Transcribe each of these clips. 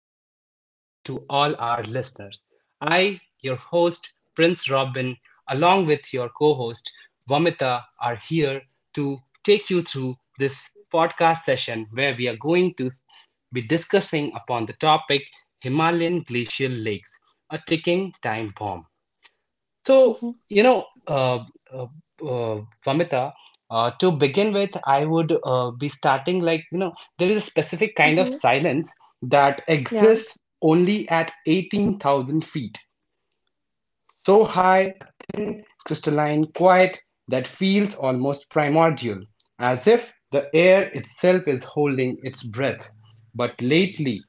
very warm welcome to all our listeners. I, your host, Prince Robin, along with your co host, Vamita, are here to take you through this podcast session where we are going to be discussing upon the topic Himalayan glacial lakes, a ticking time bomb. So, Mhm, you know, uh, uh, Vamita, to begin with, I would be starting like, there is a specific kind of mhm, silence that ja. exists only at 18,000 feet. So high, thin, crystalline, quiet, that feels almost primordial, as if the air itself is holding its breath. But lately,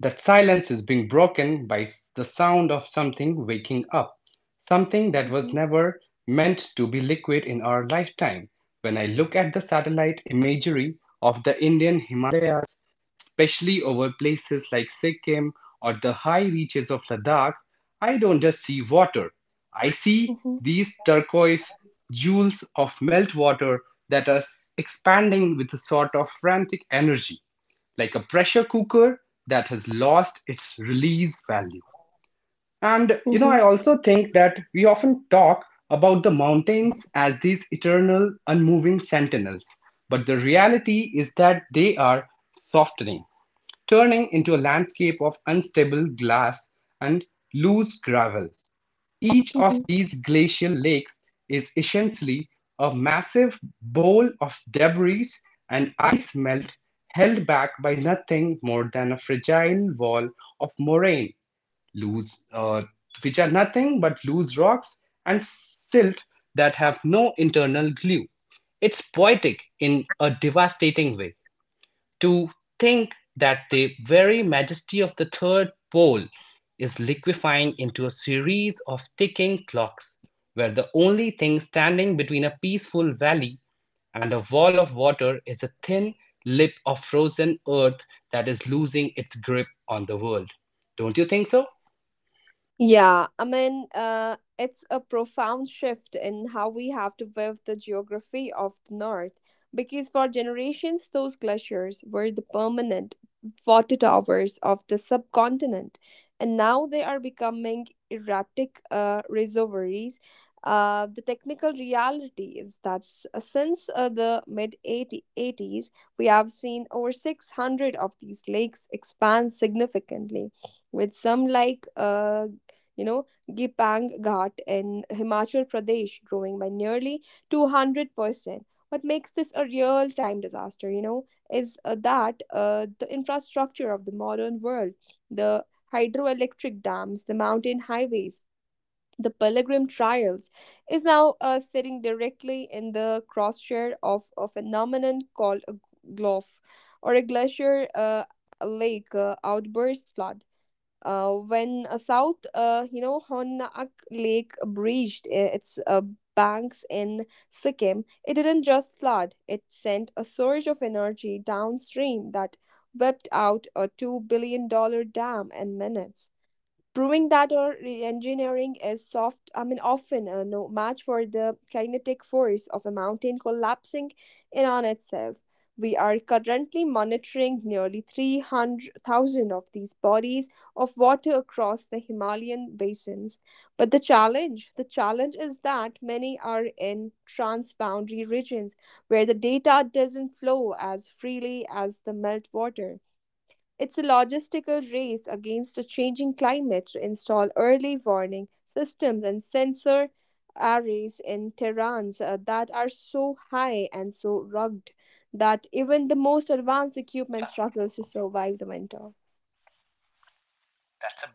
that silence is being broken by the sound of something waking up, something that was Mhm, never meant to be liquid in our lifetime. When I look at the satellite imagery of the Indian Himalayas, especially over places like Sikkim or the high reaches of Ladakh, I don't just see water. I see mhm, these turquoise jewels of meltwater that are expanding with a sort of frantic energy, like a pressure cooker that has lost its release value. And you know, mhm, I also think that we often talk about the mountains as these eternal, unmoving sentinels, but the reality is that they are softening, turning into a landscape of unstable glass and loose gravel. Each of mhm. these glacial lakes is essentially a massive bowl of debris and ice melt held back by nothing more than a fragile wall of moraine, loose, uh, which are nothing but loose rocks and silt that have no internal glue. It's poetic in a devastating way. To think that the very majesty of the third pole is liquefying into a series of ticking clocks, where the only thing standing between a peaceful valley and a wall of water is a thin lip of frozen earth that is losing its grip on the world. Don't you think so? Yeah, I mean, it's a profound shift in how we have to view the geography of the North, because for generations, those glaciers were the permanent water towers of the subcontinent, and now they are becoming erratic reservoirs. The technical reality is that since the mid 80s, we have seen over 600 of these lakes expand significantly with some like Gipang Ghat in Himachal Pradesh growing by nearly 200%. What makes this a real time disaster, you know, is that the infrastructure of the modern world, the hydroelectric dams, the mountain highways, the pilgrim trials, is now sitting directly in the crosshair of a phenomenon called a glof or a glacier lake outburst flood. When a Honak Lake breached its banks in Sikkim, it didn't just flood. It sent a surge of energy downstream that whipped out a $2 billion dollar dam in minutes, proving that our engineering is soft, I mean often a no match for the kinetic force of a mountain collapsing in on itself. We are currently monitoring nearly 300,000 of these bodies of water across the Himalayan basins. But the challenge is that many are in transboundary regions where the data doesn't flow as freely as the meltwater. It's a logistical race against a changing climate to install early warning systems and sensor arrays in terrains that are so high and so rugged that even the most advanced equipment struggles to survive the winter. That's a,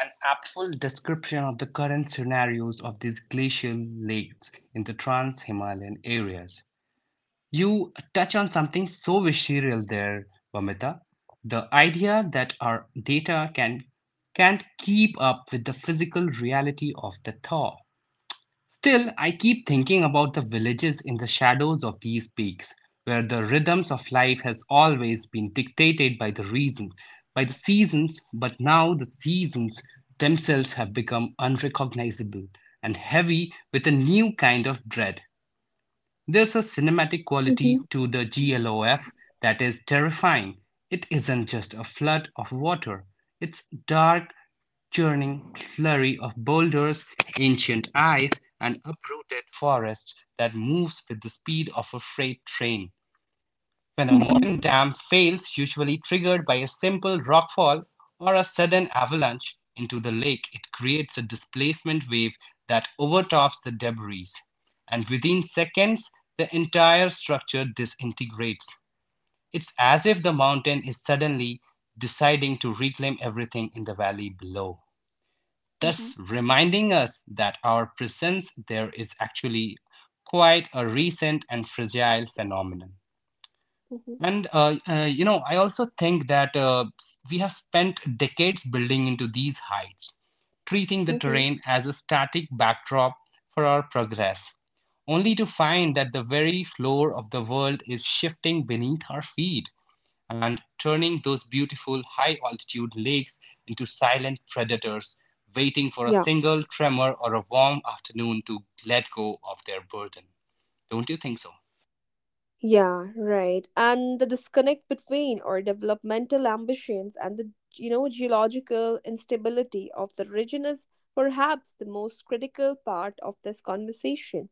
an aptful description of the current scenarios of these glacial lakes in the trans Himalayan areas. You touch on something so visceral there, Vamita. The idea that our data can't keep up with the physical reality of the thaw. Still, I keep thinking about the villages in the shadows of these peaks, where the rhythms of life has always been dictated by the reason, by the seasons, but now the seasons themselves have become unrecognizable and heavy with a new kind of dread. There's a cinematic quality Mhm, to the GLOF that is terrifying. It isn't just a flood of water, it's dark, churning slurry of boulders, ancient ice, and uprooted forest that moves with the speed of a freight train. When a mhm, modern dam fails, usually triggered by a simple rockfall or a sudden avalanche into the lake, it creates a displacement wave that overtops the debris. And within seconds, the entire structure disintegrates. It's as if the mountain is suddenly deciding to reclaim everything in the valley below, mhm, thus reminding us that our presence there is actually quite a recent and fragile phenomenon. mhm. And I also think that we have spent decades building into these heights, treating the Mhm. terrain as a static backdrop for our progress, only to find that the very floor of the world is shifting beneath our feet and turning those beautiful high altitude lakes into silent predators, waiting for a Yeah. single tremor or a warm afternoon to let go of their burden. Don't you think so? Yeah, right. And the disconnect between our developmental ambitions and the, you know, geological instability of the region is perhaps the most critical part of this conversation.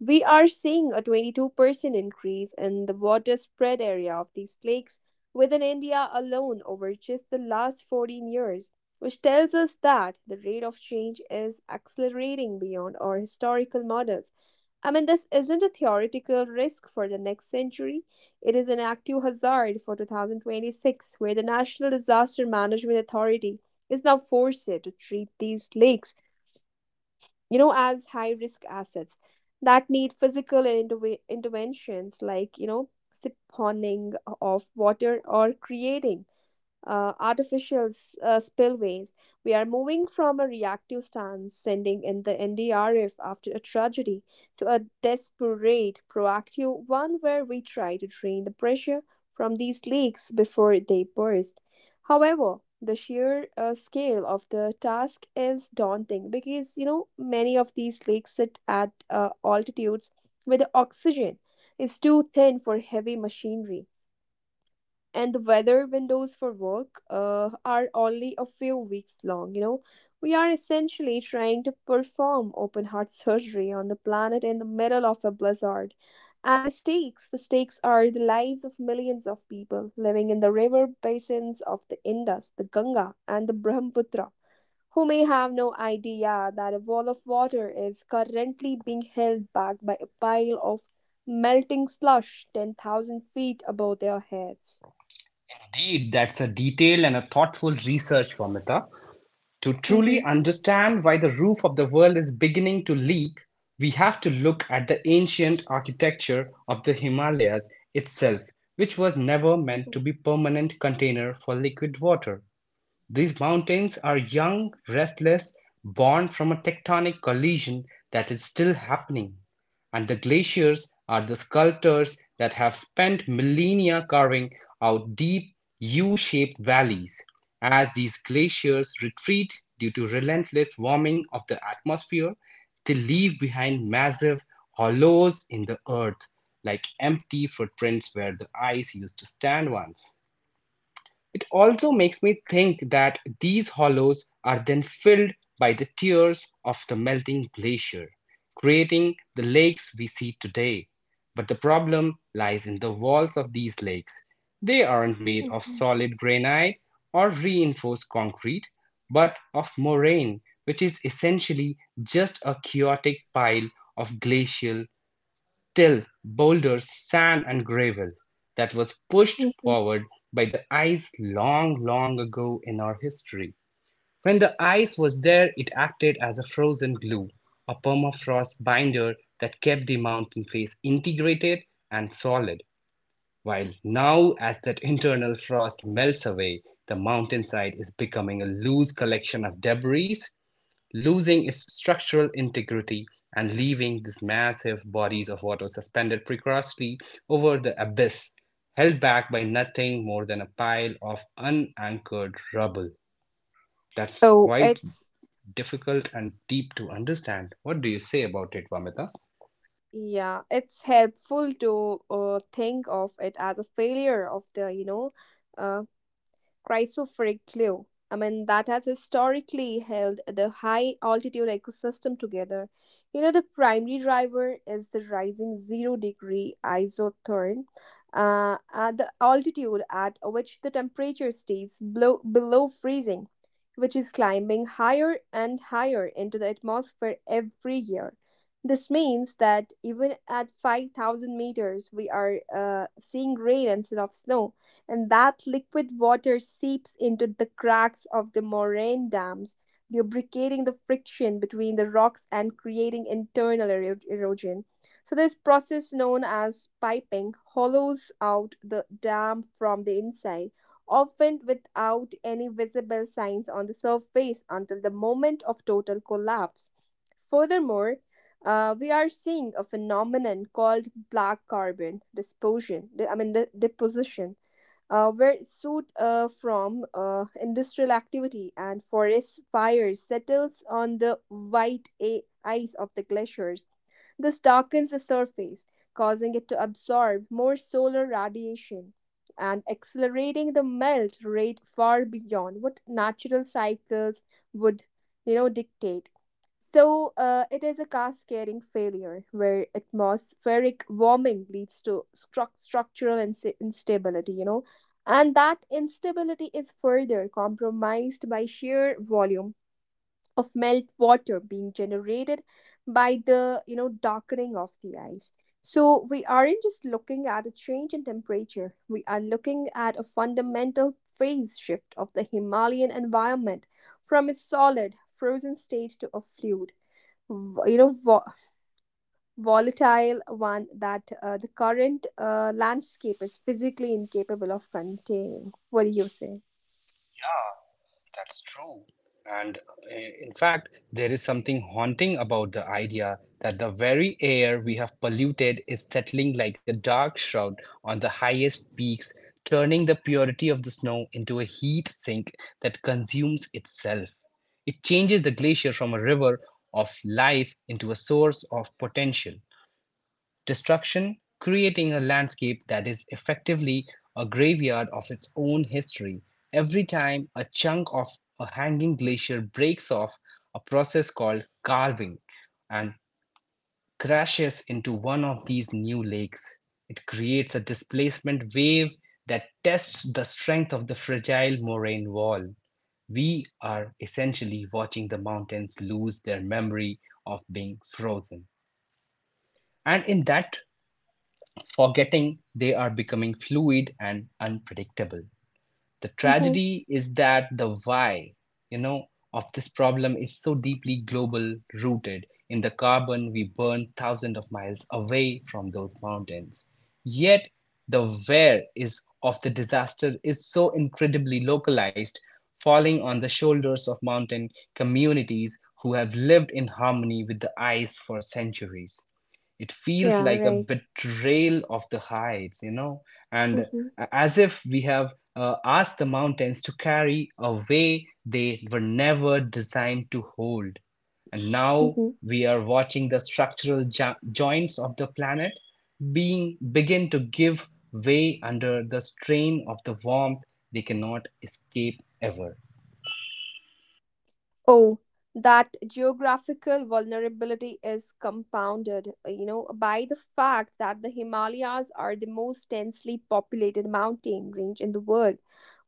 We are seeing a 22% increase in the water spread area of these lakes within India alone over just the last 14 years, which tells us that the rate of change is accelerating beyond our historical models. I mean, this isn't a theoretical risk for the next century. It is an active hazard for 2026, where the National Disaster Management Authority is now forced to treat these lakes, you know, as high risk assets that need physical interventions like, you know, siphoning of water or creating artificial spillways. We are moving from a reactive stance, sending in the NDRF after a tragedy, to a desperate, proactive one where we try to drain the pressure from these lakes before they burst. However, the sheer scale of the task is daunting, because, you know, many of these lakes sit at altitudes where the oxygen is too thin for heavy machinery and the weather windows for work are only a few weeks long. You know, we are essentially trying to perform open heart surgery on the planet in the middle of a blizzard, and the stakes are the lives of millions of people living in the river basins of the Indus, the Ganga, and the Brahmaputra, who may have no idea that a wall of water is currently being held back by a pile of melting slush 10,000 feet above their heads. Indeed, that's a detailed and a thoughtful research, Vamita. To Mm-hmm. truly understand why the roof of the world is beginning to leak, we have to look at the ancient architecture of the Himalayas itself, which was never meant Mhm. to be permanent container for liquid water. These mountains are young, restless, born from a tectonic collision that is still happening. And the glaciers are the sculptors that have spent millennia carving out deep U shaped valleys. As these glaciers retreat due to relentless warming of the atmosphere, they leave behind massive hollows in the earth, like empty footprints where the ice used to stand once. It also makes me think that these hollows are then filled by the tears of the melting glacier, creating the lakes we see today. But the problem lies in the walls of these lakes. They aren't made of solid granite or reinforced concrete, but of moraine, which is essentially just a chaotic pile of glacial still boulders, sand and gravel that was pushed Mm-hmm. forward by the ice long, long ago in our history. When the ice was there, it acted as a frozen glue, a permafrost binder that kept the mountain face integrated and solid. While now, as that internal frost melts away, the mountainside is becoming a loose collection of debris losing its structural integrity and leaving these massive bodies of water suspended precariously over the abyss, held back by nothing more than a pile of unanchored rubble. That's So quite it's difficult and deep to understand. What do you say about it, Vamita? Yeah, it's helpful to think of it as a failure of the, uh. Chrysophrage cliff. I mean, that has historically held the high altitude ecosystem together. You know, the primary driver is the rising zero degree isotherm, at the altitude at which the temperature stays below freezing, which is climbing higher and higher into the atmosphere every year. This means that even at 5,000 meters, we are seeing rain instead of snow, and that liquid water seeps into the cracks of the moraine dams, lubricating the friction between the rocks and creating internal erosion. So, this process, known as piping, hollows out the dam from the inside, often without any visible signs on the surface until the moment of total collapse. Furthermore, we are seeing a phenomenon called black carbon disposition. I mean, the deposition, were soot from industrial activity and forest fires settles on the white ice of the glaciers. This darkens the surface, causing it to absorb more solar radiation and accelerating the melt rate far beyond what natural cycles would, you know, dictate. So it is a cascading failure where atmospheric warming leads to structural instability, you know, and that instability is further compromised by sheer volume of melt water being generated by the, you know, darkening of the ice. So we aren't just looking at a change in temperature. We are looking at a fundamental phase shift of the Himalayan environment, from a solid frozen state to a fluid, vo- you know vo- volatile one that the current landscape is physically incapable of containing. What do you say? Yeah, that's true. And in fact, there is something haunting about the idea that the very air we have polluted is settling like a dark shroud on the highest peaks, turning the purity of the snow into a heat sink that consumes itself. It changes the glacier from a river of life into a source of potential destruction, creating a landscape that is effectively a graveyard of its own history. Every time a chunk of a hanging glacier breaks off, a process called carving, and crashes into one of these new lakes, it creates a displacement wave that tests the strength of the fragile moraine wall. We are essentially watching the mountains lose their memory of being frozen. And in that forgetting they are becoming fluid and unpredictable. The Hmm. tragedy is that the why, you know, of this problem is so deeply global, rooted in the carbon we burn thousands of miles away from those mountains. Yet the where is of the disaster is so incredibly localized, falling on the shoulders of mountain communities who have lived in harmony with the ice for centuries. It feels Yeah, like a right. betrayal of the heights, and Hmm. as if we have asked the mountains to carry a way they were never designed to hold, and now Hmm. we are watching the structural joints of the planet being begin to give way under the strain of the warmth they cannot escape ever. Oh, that geographical vulnerability is compounded, by the fact that the Himalayas are the most densely populated mountain range in the world,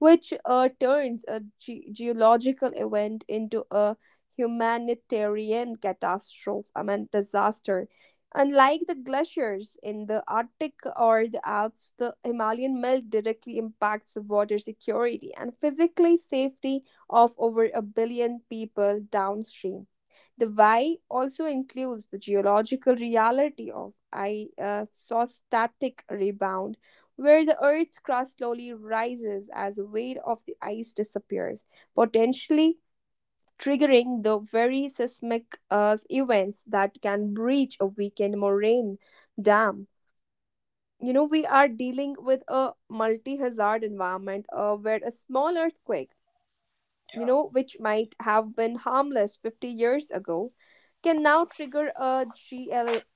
which turns a geological event into a humanitarian catastrophe, I mean, disaster. Unlike the glaciers in the Arctic or the Alps, the Himalayan melt directly impacts the water security and physically safety of over a billion people downstream. The why also includes the geological reality of isostatic rebound, where the Earth's crust slowly rises as the weight of the ice disappears, potentially triggering the very seismic events that can breach a weakened moraine dam. You know, we are dealing with a multi hazard environment where a small earthquake, you know, which might have been harmless 50 years ago, can now trigger a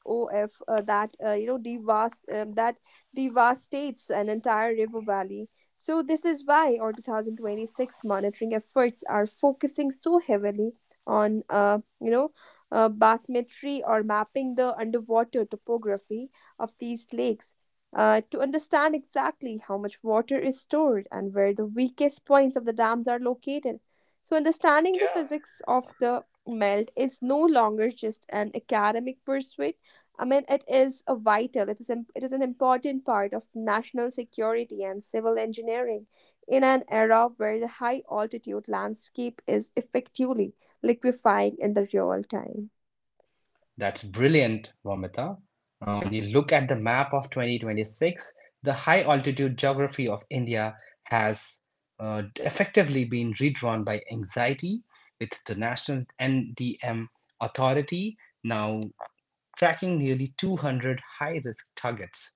GLOF that devastates an entire river valley. So this is why our 2026 monitoring efforts are focusing so heavily on, bathymetry, or mapping the underwater topography of these lakes, to understand exactly how much water is stored and where the weakest points of the dams are located. So, understanding the physics of the melt is no longer just an academic pursuit. I mean, it is a vital, it is, im- it is an important part of national security and civil engineering in an era where the high altitude landscape is effectively liquefying in the real time. That's brilliant, Vomita. When you look at the map of 2026, the high altitude geography of India has effectively been redrawn by anxiety, with the National NDM Authority now tracking nearly 200 high risk targets.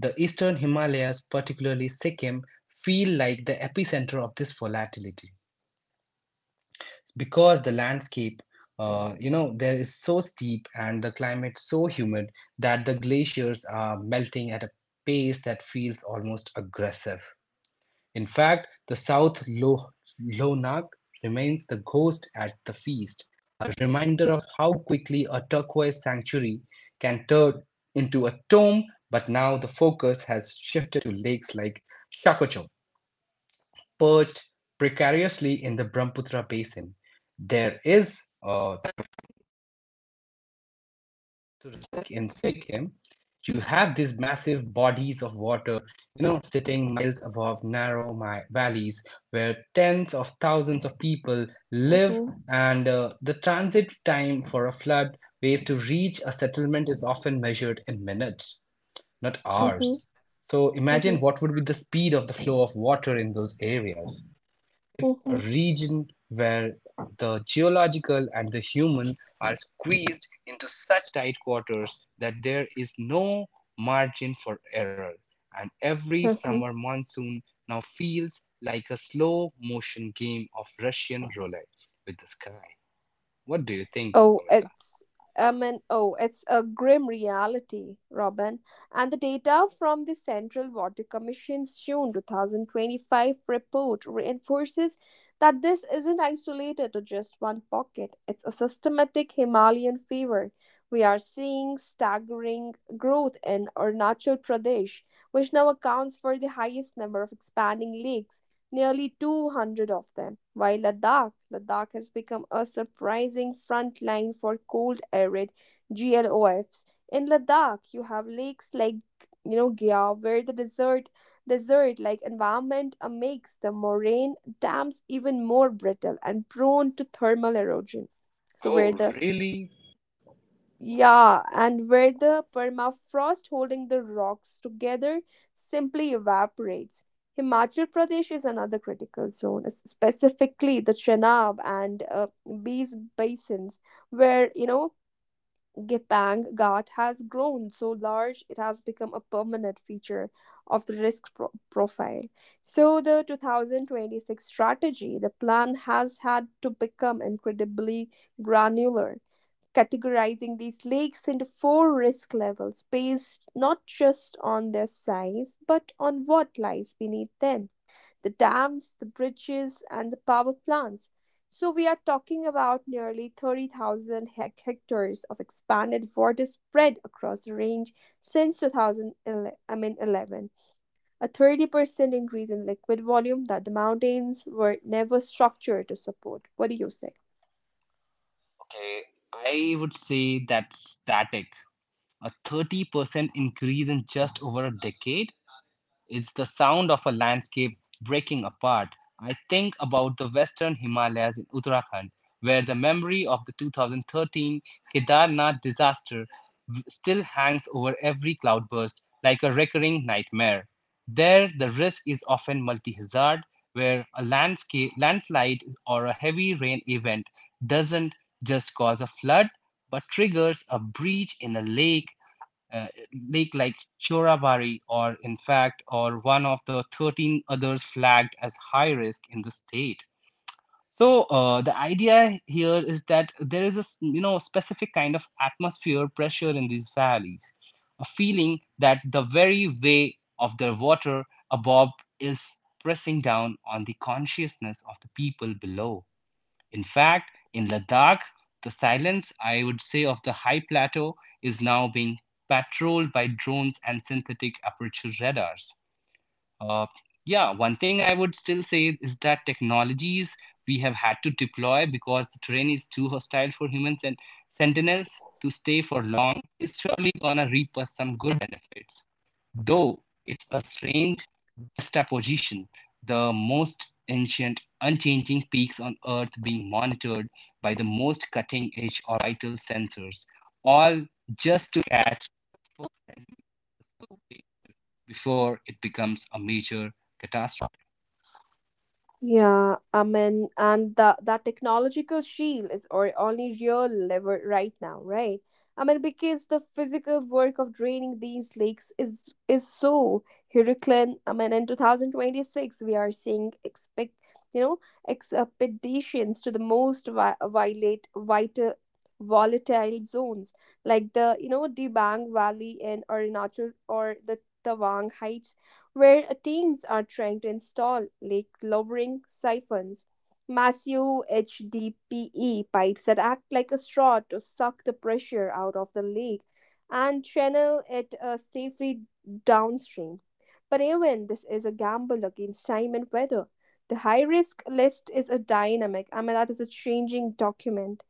The eastern Himalayas, particularly Sikkim, feel like the epicenter of this volatility, because the landscape, there is so steep and the climate so humid that the glaciers are melting at a pace that feels almost aggressive. In fact, the south lonak remains the ghost at the feast, a reminder of how quickly a turquoise sanctuary can turn into a tomb. But now the focus has shifted to lakes like shakocho, perched precariously in the Brahmaputra basin. There is, uh, in Sikkim, you have these massive bodies of water, you know, sitting miles above narrow my valleys where tens of thousands of people live, Mhm. and the transit time for a flood wave to reach a settlement is often measured in minutes, not mhm, hours. So imagine mhm, what would be the speed of the flow of water in those areas. It's a mhm, region where the geological and the human are squeezed into such tight quarters that there is no margin for error, and every mhm. summer monsoon now feels like a slow motion game of Russian roulette with the sky. What do you think, Oh, Pavita? it's oh, it's a grim reality, Robin. And the data from the Central Water Commission's June 2025 report reinforces that this isn't isolated to just one pocket. It's a systematic Himalayan fever. We are seeing staggering growth in Arunachal Pradesh, which now accounts for the highest number of expanding lakes, nearly 200 of them, while Ladakh has become a surprising front line for cold arid GLOFs. In Ladakh, you have lakes like, you know, Gya, where the desert like environment makes the moraine dams even more brittle and prone to thermal erosion. So Oh, where the really? Yeah, and where the permafrost holding the rocks together simply evaporates. Himachal Pradesh is another critical zone, specifically the Chenab and Bees basins, where, you know, Gepang Ghat has grown so large it has become a permanent feature of the risk profile. So the 2026 strategy, the plan has had to become incredibly granular, categorizing these lakes into four risk levels based not just on their size but on what lies beneath them: the dams, the bridges, and the power plants. So, we are talking about nearly 30,000 hectares of expanded water spread across the range since 2011, I mean 11, a 30% increase in liquid volume that the mountains were never structured to support. What do you say? Okay, I would say that's static. A 30% increase in just over a decade? It's the sound of a landscape breaking apart. I think about the Western Himalayas in Uttarakhand, where the memory of the 2013 Kedarnath disaster still hangs over every cloudburst like a recurring nightmare. There, the risk is often multi hazard, where a landslide or a heavy rain event doesn't just cause a flood but triggers a breach in a uh, lake like Chorabari, or in fact or one of the 13 others flagged as high risk in the state. So the idea here is that there is a, you know, specific kind of atmosphere pressure in these valleys, a feeling that the very way of the water above is pressing down on the consciousness of the people below. In fact, in Ladakh, the silence, I would say, of the high plateau is now being patrolled by drones and synthetic aperture radars. Uh, yeah, one thing I would still say is that technologies we have had to deploy because the terrain is too hostile for humans and sentinels to stay for long is surely gonna reap us some good benefits. Though it's a strange juxtaposition, the most ancient, unchanging peaks on Earth being monitored by the most cutting edge orbital sensors, all just to catch before it becomes a major catastrophe. Yeah, I mean, and the that technological shield is or only real lever right now, right? I mean, because the physical work of draining these lakes is so Herculean. I mean, in 2026, we are seeing expect you know expeditions to the most vi- violate vital volatile zones like the, you know, Dibang Valley in Arunachal or the Tawang, where teams are trying to install lake lowering siphons, massive HDPE pipes that act like a straw to suck the pressure out of the lake and channel it safely downstream. But even this is a gamble against time and weather. The high risk list is a dynamic, I mean, that is a changing document.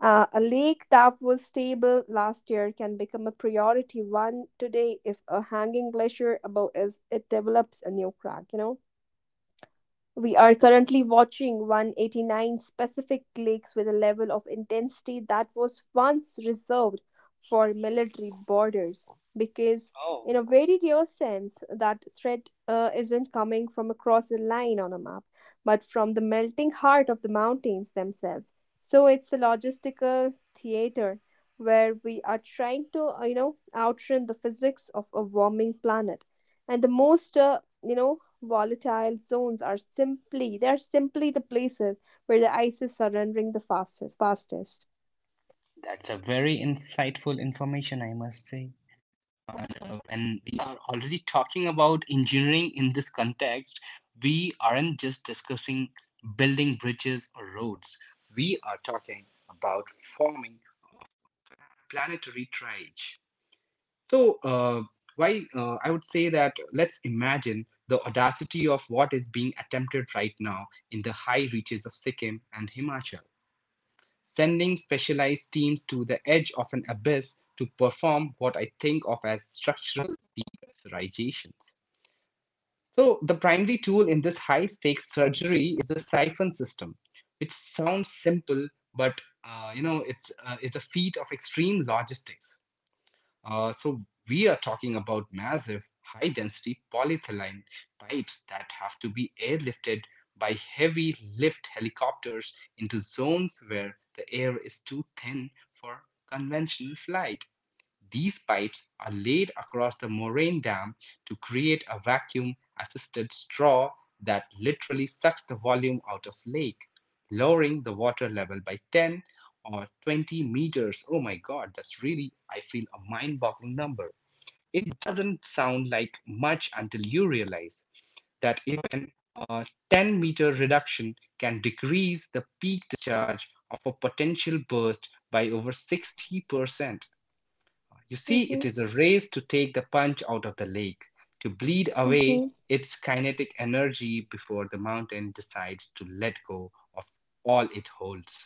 A lake that was stable last year can become a priority one today if a hanging glacier above is it develops a new crack, you know. We are currently watching 189 specific cliques with a level of intensity that was once reserved for military borders. Because, Oh, in a very real sense, that threat isn't coming from across a line on a map, but from the melting heart of the mountains themselves. So it's a logistical theater where we are trying to, outrun the physics of a warming planet. And the most, volatile zones are simply the places where the ice is surrendering the fastest. that's a very insightful information, I must say. And we are already talking about engineering in this context, we aren't just discussing building bridges or roads. We are talking about forming planetary triage. So, why I would say that let's imagine the audacity of what is being attempted right now in the high reaches of Sikkim and Himachal, sending specialized teams to the edge of an abyss to perform what I think of as structural depressurizations. So, the primary tool in this high stakes surgery is the siphon system, which sounds simple, but it's a feat of extreme logistics. So we are talking about massive, high-density polyethylene pipes that have to be airlifted by heavy lift helicopters into zones where the air is too thin for conventional flight. These pipes are laid across the moraine dam to create a vacuum assisted straw that literally sucks the volume out of lake, lowering the water level by 10 or 20 meters. Oh my god, that's really, I feel, a mind-boggling number. It doesn't sound like much until you realize that even a 10-meter reduction can decrease the peak discharge of a potential burst by over 60%. You see, it Mm-hmm. is a race to take the punch out of the lake, to bleed away Mm-hmm. its kinetic energy before the mountain decides to let go of all it holds.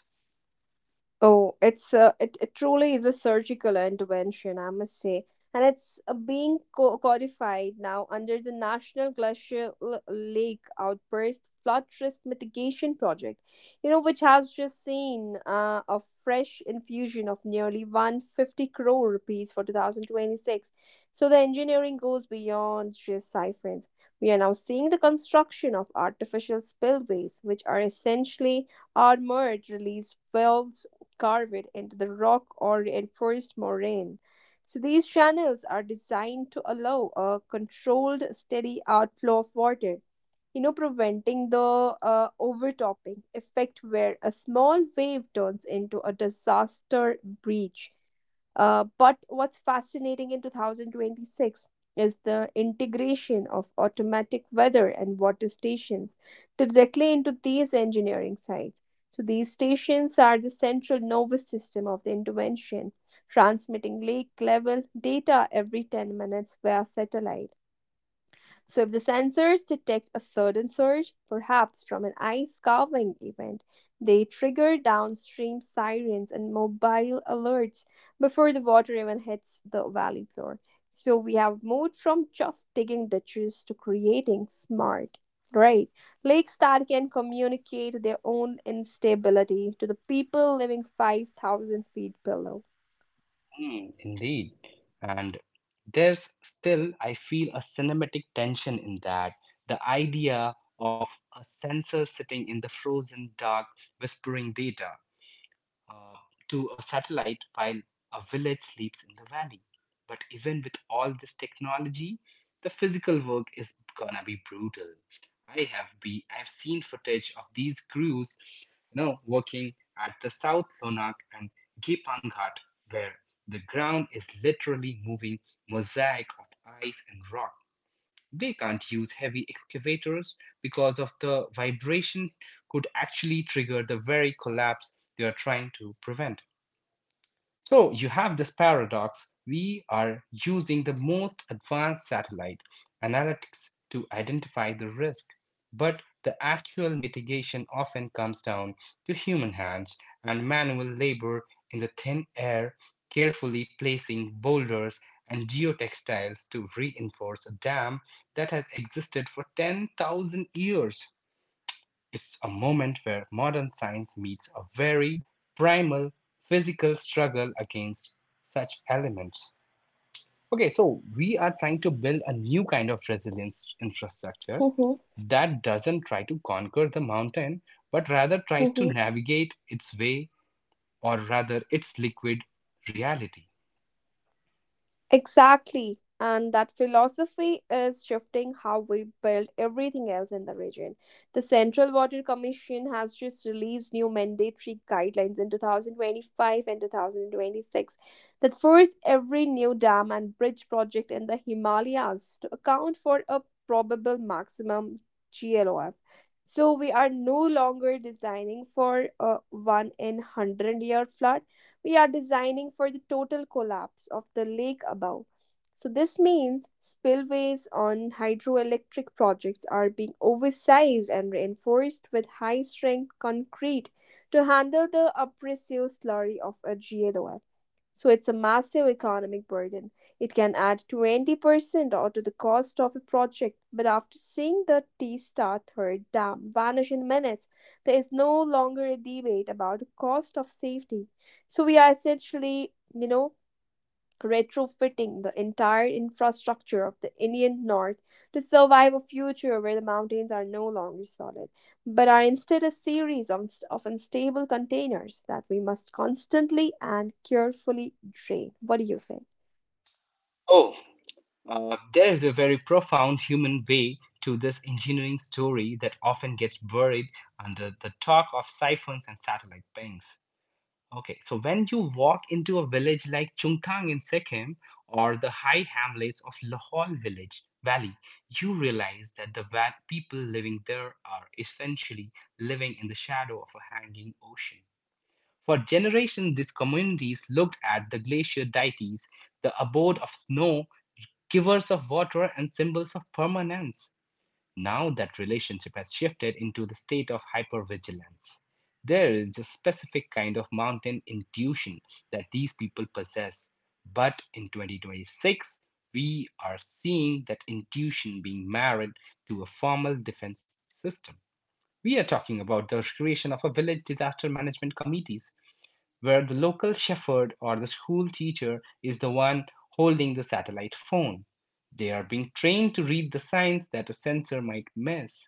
Oh, it's it truly is a surgical intervention, I must say. And it's being codified now under the National Glacial Lake Outburst Flood Risk Mitigation Project, you know, which has just seen a fresh infusion of nearly 150 crore rupees for 2026. So the engineering goes beyond just siphons. We are now seeing the construction of artificial spillways, which are essentially armored release valves carve it into the rock or reinforced moraine. So these channels are designed to allow a controlled, steady outflow of water, you know, preventing the overtopping effect where a small wave turns into a disaster breach. But what's fascinating in 2026 is the integration of automatic weather and water stations directly into these engineering sites. So these stations are the central nervous system of the intervention, transmitting lake level data every 10 minutes via satellite. So, if the sensors detect a sudden surge, perhaps from an ice calving event, they trigger downstream sirens and mobile alerts before the water even hits the valley floor. So, we have moved from just digging ditches to creating smart, right? Lakes that can communicate their own instability to the people living 5,000 feet below. Hmm, indeed. And there's still, I feel, a cinematic tension in that. The idea of a sensor sitting in the frozen dark, whispering data. uh, to a satellite while a village sleeps in the valley. But even with all this technology, the physical work is gonna be brutal. I have be I've seen footage of these crews, working at the South Lonak and Gipang Ghat, where the ground is literally moving mosaic of ice and rock. They can't use heavy excavators because of the vibration could actually trigger the very collapse they are trying to prevent. So you have this paradox. We are using the most advanced satellite analytics to identify the risk, but the actual mitigation often comes down to human hands and manual labor in the thin air, carefully placing boulders and geotextiles to reinforce a dam that has existed for 10,000 years. It's a moment where modern science meets a very primal physical struggle against such elements. Okay, so we are trying to build a new kind of resilience infrastructure Mhm, that doesn't try to conquer the mountain, but rather tries to mhm. navigate its way, or rather its liquid reality. Exactly. And that philosophy is shifting how we build everything else in the region. The Central Water Commission has just released new mandatory guidelines in 2025 and 2026 that force every new dam and bridge project in the Himalayas to account for a probable maximum GLOF. So we are no longer designing for a one in 100-year flood, we are designing for the total collapse of the lake above. So, this means spillways on hydroelectric projects are being oversized and reinforced with high strength concrete to handle the abrasive slurry of a GLOI. So it's a massive economic burden. It can add 20% or to the cost of a project, but after seeing the T Star Third Dam vanish in minutes, there is no longer a debate about the cost of safety. So we are essentially, you know, retrofitting the entire infrastructure of the Indian North to survive a future where the mountains are no longer solid, but are instead a series of unstable containers that we must constantly and carefully drain. What do you say? Oh, there is a very profound human way to this engineering story that often gets buried under the talk of siphons and satellite banks. Okay, so when you walk into a village like Chungthang in Sikkim or the high hamlets of Lahol village valley, you realize that the people living there are essentially living in the shadow of a hanging ocean. For generations, these communities looked at the glacier deities, the abode of snow, givers of water, and symbols of permanence. Now that relationship has shifted into the state of hypervigilance. There is a specific kind of mountain intuition that these people possess. But in 2026, we are seeing that intuition being married to a formal defense system. We are talking about the creation of a village disaster management committees, where the local shepherd or the school teacher is the one holding the satellite phone. They are being trained to read the signs that a sensor might miss.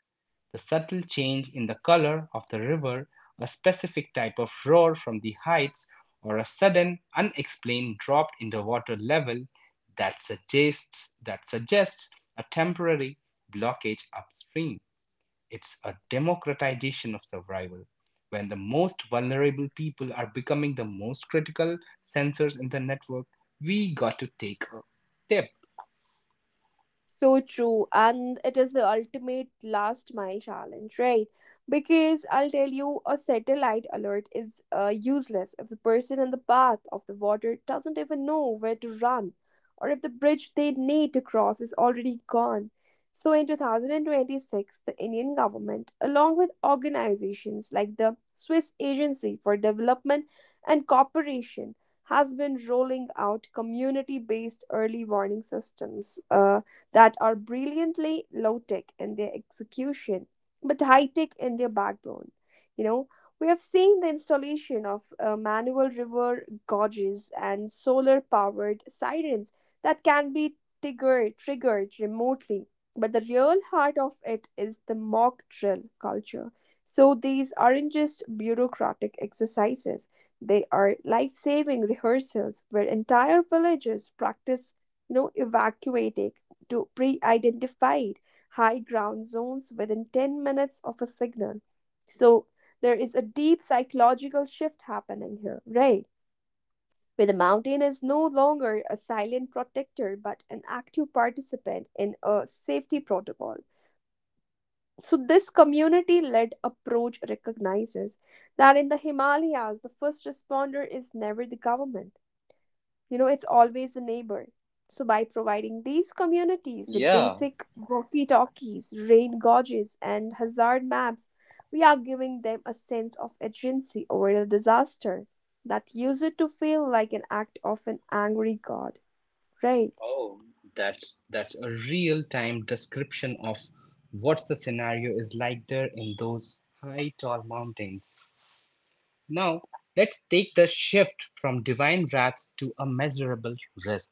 The subtle change in the color of the river, a specific type of roar from the heights, or a sudden, unexplained drop in the water level that suggests a temporary blockage upstream. It's a democratization of survival, when the most vulnerable people are becoming the most critical sensors in the network. We got to take a tip. So true. And it is the ultimate last mile challenge, right? Because I'll tell you, a satellite alert is useless if the person in the path of the water doesn't even know where to run, or if the bridge they need to cross is already gone. So in 2026, the Indian government, along with organizations like the Swiss Agency for Development and Cooperation, has been rolling out community based early warning systems. That are brilliantly low tech in their execution but high tech in their backbone. You know, we have seen the installation of manual river gauges and solar powered sirens that can be triggered remotely. But the real heart of it is the mock drill culture. So these aren't just bureaucratic exercises, they are life saving rehearsals where entire villages practice, you know, evacuating to pre identified high ground zones within 10 minutes of a signal. So there is a deep psychological shift happening here, right? Where the mountain is no longer a silent protector but an active participant in a safety protocol. So, this community led approach recognizes that in the Himalayas, the first responder is never the government, you know, it's always the neighbor. So, by providing these communities with Yeah. basic walkie talkies, rain gauges, and hazard maps, we are giving them a sense of agency over the disaster that uses to feel like an act of an angry god, right? Oh, that's a real-time description of what the scenario is like there in those high tall mountains. Now, let's take the shift from divine wrath to a measurable risk.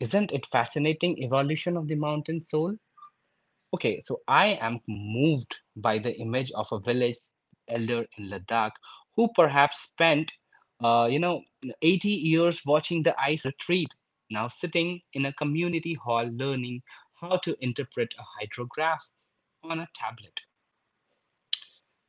Isn't it fascinating evolution of the mountain soul? Okay, so I am moved by the image of a village elder in Ladakh who perhaps spent, you know, 80 years watching the ice retreat, now sitting in a community hall learning how to interpret a hydrograph on a tablet.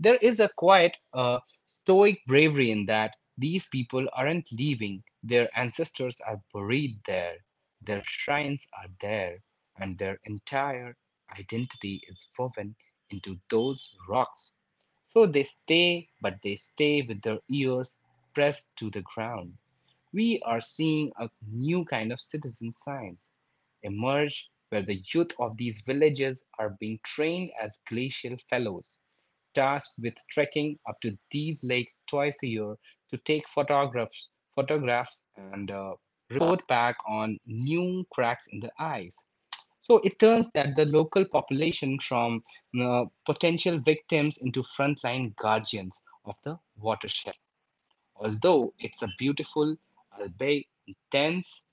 There is a quiet, stoic bravery in that these people aren't leaving, their ancestors are buried there, their shrines are there, and their entire identity is woven into those rocks. So they stay, but they stay with their ears pressed to the ground. We are seeing a new kind of citizen science emerge, where the youth of these villages are being trained as glacial fellows tasked with trekking up to these lakes twice a year to take photographs and report back on new cracks in the ice. So it turns that the local population from potential victims into frontline guardians of the watershed. Although it's a beautiful, albeit intense,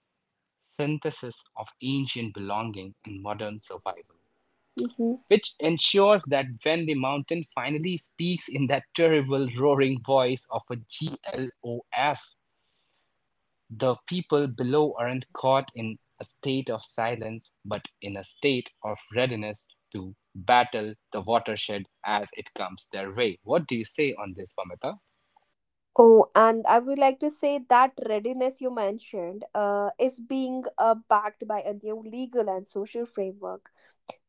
synthesis of ancient belonging and modern survival, Hmm. which ensures that when the mountain finally speaks in that terrible roaring voice of a GLOF, the people below aren't caught in a state of silence, but in a state of readiness to battle the watershed as it comes their way. What do you say on this, Pamita? Oh, and I would like to say that readiness you mentioned is being backed by a new legal and social framework.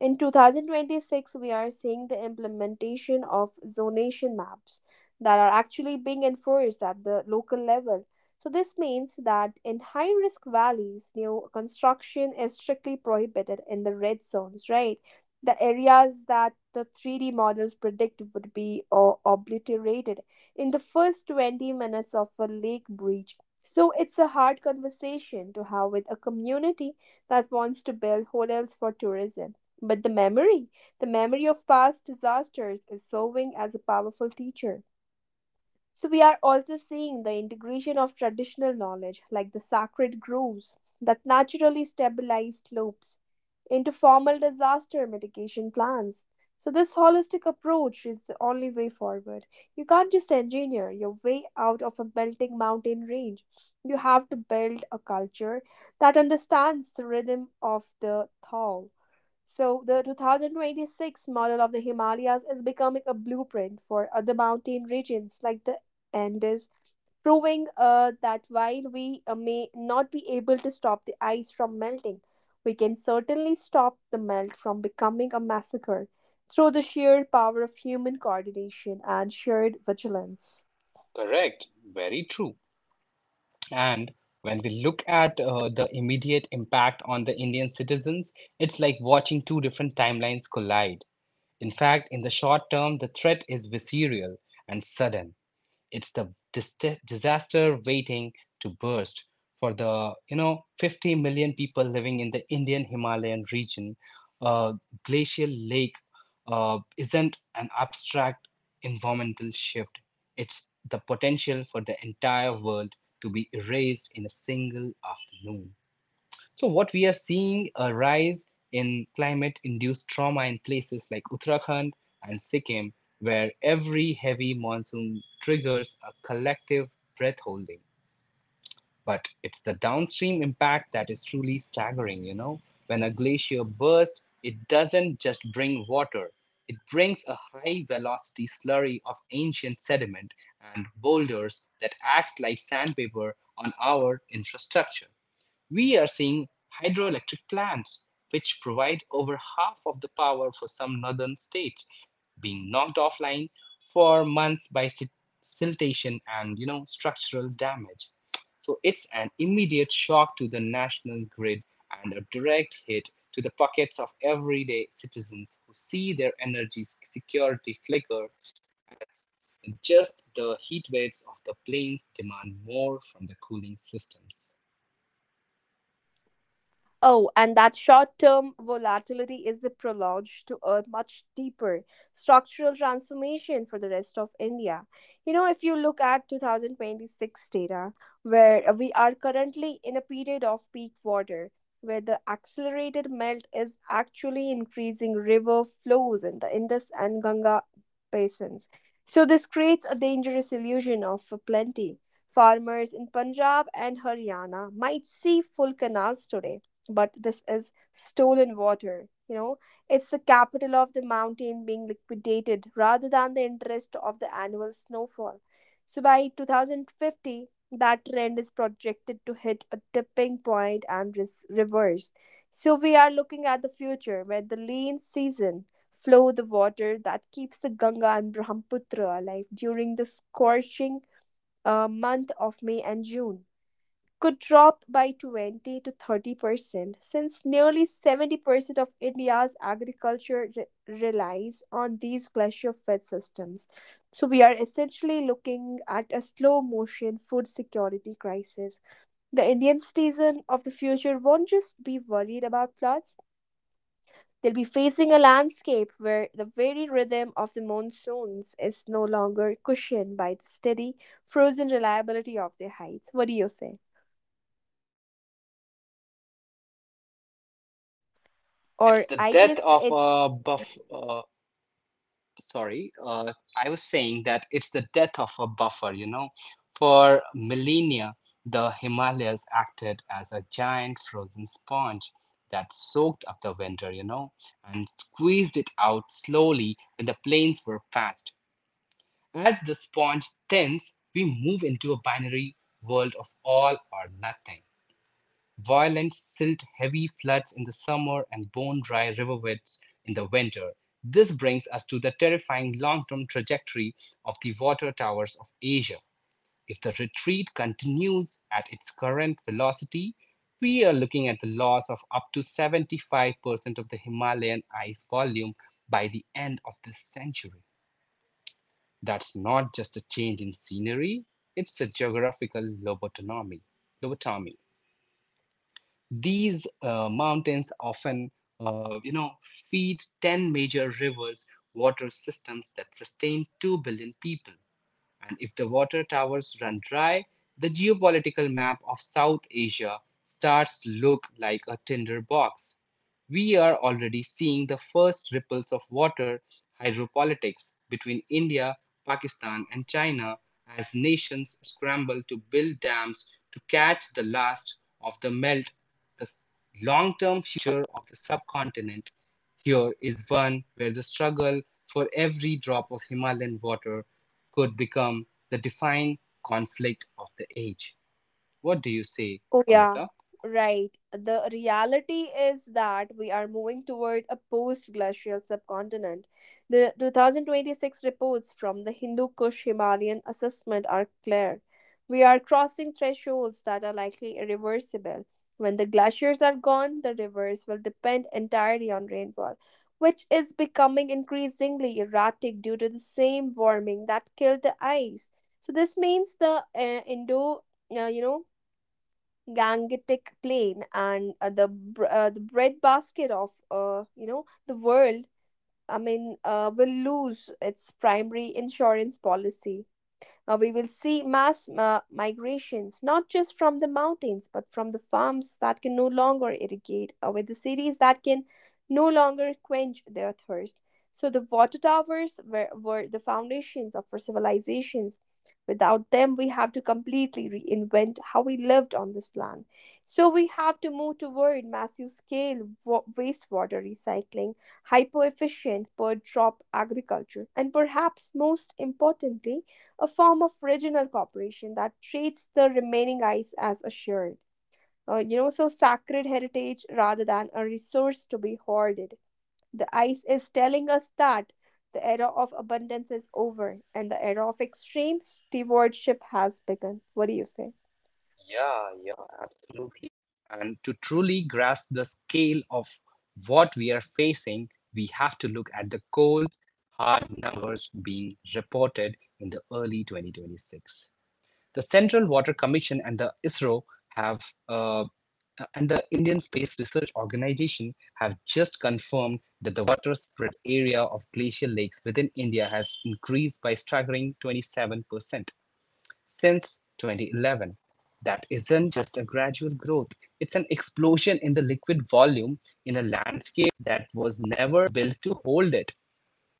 In 2026, we are seeing the implementation of zonation maps that are actually being enforced at the local level. So, this means that in high risk valleys, new construction is strictly prohibited in the red zones, right? The areas that the 3D models predict would be obliterated in the first 20 minutes of a lake breach. So, it's a hard conversation to have with a community that wants to build hotels for tourism. But the memory of past disasters, is serving as a powerful teacher. So, we are also seeing the integration of traditional knowledge, like the sacred groves that naturally stabilize slopes, into formal disaster mitigation plans. So, this holistic approach is the only way forward. You can't just engineer your way out of a melting mountain range. You have to build a culture that understands the rhythm of the thaw, so, the 2026 model of the Himalayas is becoming a blueprint for other mountain regions like the Andes, proving that while we may not be able to stop the ice from melting, we can certainly stop the melt from becoming a massacre through the sheer power of human coordination and shared vigilance. Correct, very true. And when we look at the immediate impact on the Indian citizens, it's like watching two different timelines collide. In fact, in the short term, the threat is visceral and sudden. It's the disaster waiting to burst for the, you know, 50 million people living in the Indian Himalayan region. A glacial lake isn't an abstract environmental shift. It's the potential for the entire world to be erased in a single afternoon. So, what we are seeing a rise in climate induced trauma in places like Uttarakhand and Sikkim, where every heavy monsoon triggers a collective breath holding. But it's the downstream impact that is truly staggering, you know? When a glacier bursts, it doesn't just bring water, it brings a high velocity slurry of ancient sediment and boulders that acts like sandpaper on our infrastructure. We are seeing hydroelectric plants, which provide over half of the power for some northern states, being knocked offline for months by siltation and structural damage. So it's an immediate shock to the national grid and a direct hit to the pockets of everyday citizens who see their energy security flicker as just the heat waves of the plains demand more from the cooling systems. Oh, and that short term volatility is the prologue to a much deeper structural transformation for the rest of India. You know, if you look at 2026 data, where we are currently in a period of peak water, where the accelerated melt is actually increasing river flows in the Indus and Ganga basins. So, this creates a dangerous illusion of plenty. Farmers in Punjab and Haryana might see full canals today, but this is stolen water. You know, it's the capital of the mountain being liquidated rather than the interest of the annual snowfall. So by 2050, that trend is projected to hit a tipping point and reverse. So we are looking at the future where the lean season flow, the water that keeps the Ganga and Brahmaputra alive during the scorching month of May and June could drop by 20 to 30%, since nearly 70% of India's agriculture relies on these glacier fed systems. So, we are essentially looking at a slow motion food security crisis. The Indian citizen of the future won't just be worried about floods. They'll be facing a landscape where the very rhythm of the monsoons is no longer cushioned by the steady, frozen reliability of their heights. What do you say? It's Or the I death guess of it's. a buff. Sorry, I was saying that it's the death of a buffer. For millennia, the Himalayas acted as a giant frozen sponge that soaked up the winter, and squeezed it out slowly when the plains were packed. As the sponge thins, we move into a binary world of all or nothing. Violent silt-heavy floods in the summer and bone-dry riverwebs in the winter. This brings us to the terrifying long-term trajectory of the water towers of Asia. If the retreat continues at its current velocity, we are looking at the loss of up to 75% of the Himalayan ice volume by the end of this century. That's not just a change in scenery, it's a geographical lobotomy. Lobotomy. These mountains often, uh, you know, feed 10 major rivers, water systems that sustain 2 billion people. And if the water towers run dry, the geopolitical map of South Asia starts to look like a tinderbox. We are already seeing the first ripples of water hydropolitics between India, Pakistan, and China as nations scramble to build dams to catch the last of the melt. The long term future of the subcontinent here is one where the struggle for every drop of Himalayan water could become the defining conflict of the age. What do you say, Oh, yeah, Amita? right. The reality is that we are moving toward a post glacial subcontinent. The 2026 reports from the Hindu Kush Himalayan assessment are clear. We are crossing thresholds that are likely irreversible. When the glaciers are gone, the rivers will depend entirely on rainfall, which is becoming increasingly erratic due to the same warming that killed the ice. So, this means the uh, you know, Gangetic Plain and the breadbasket of, the world. Will lose its primary insurance policy. We will see mass migrations, not just from the mountains, but from the farms that can no longer irrigate, with the cities that can no longer quench their thirst. So the water towers were the foundations of our civilizations. Without them, we have to completely reinvent how we lived on this land. So we have to move toward massive scale wastewater recycling, hyper efficient per drop agriculture, and perhaps most importantly, a form of regional cooperation that treats the remaining ice as assured. So sacred heritage rather than a resource to be hoarded. The ice is telling us that the era of abundance is over and the era of extreme stewardship has begun. What do you say? Yeah, yeah, absolutely. And to truly grasp the scale of what we are facing, we have to look at the cold, hard numbers being reported in the early 2026. The Central Water Commission and the ISRO have, uh, and the Indian Space Research Organization have, just confirmed that the water spread area of glacial lakes within India has increased by staggering 27% since 2011. That isn't just a gradual growth, it's an explosion in the liquid volume in a landscape that was never built to hold it.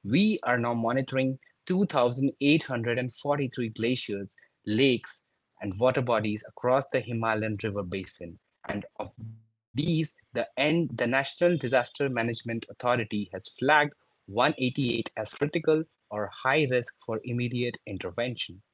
We are now monitoring 2,843 glaciers, lakes, and water bodies across the Himalayan River Basin. And of these, the National Disaster Management Authority has flagged 188 as critical or high risk for immediate intervention.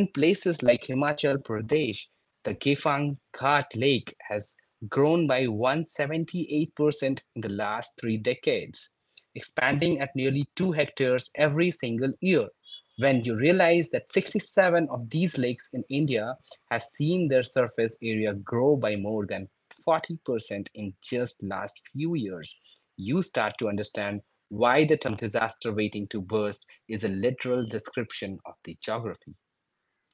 In places like Himachal Pradesh, the Gefang Ghat lake has grown by 178% in the last 3 decades, expanding at nearly 2 hectares every single year. When you realize that 67 of these lakes in India have seen their surface area grow by more than 40% in just last few years, you start to understand why the term disaster waiting to burst is a literal description of the geography,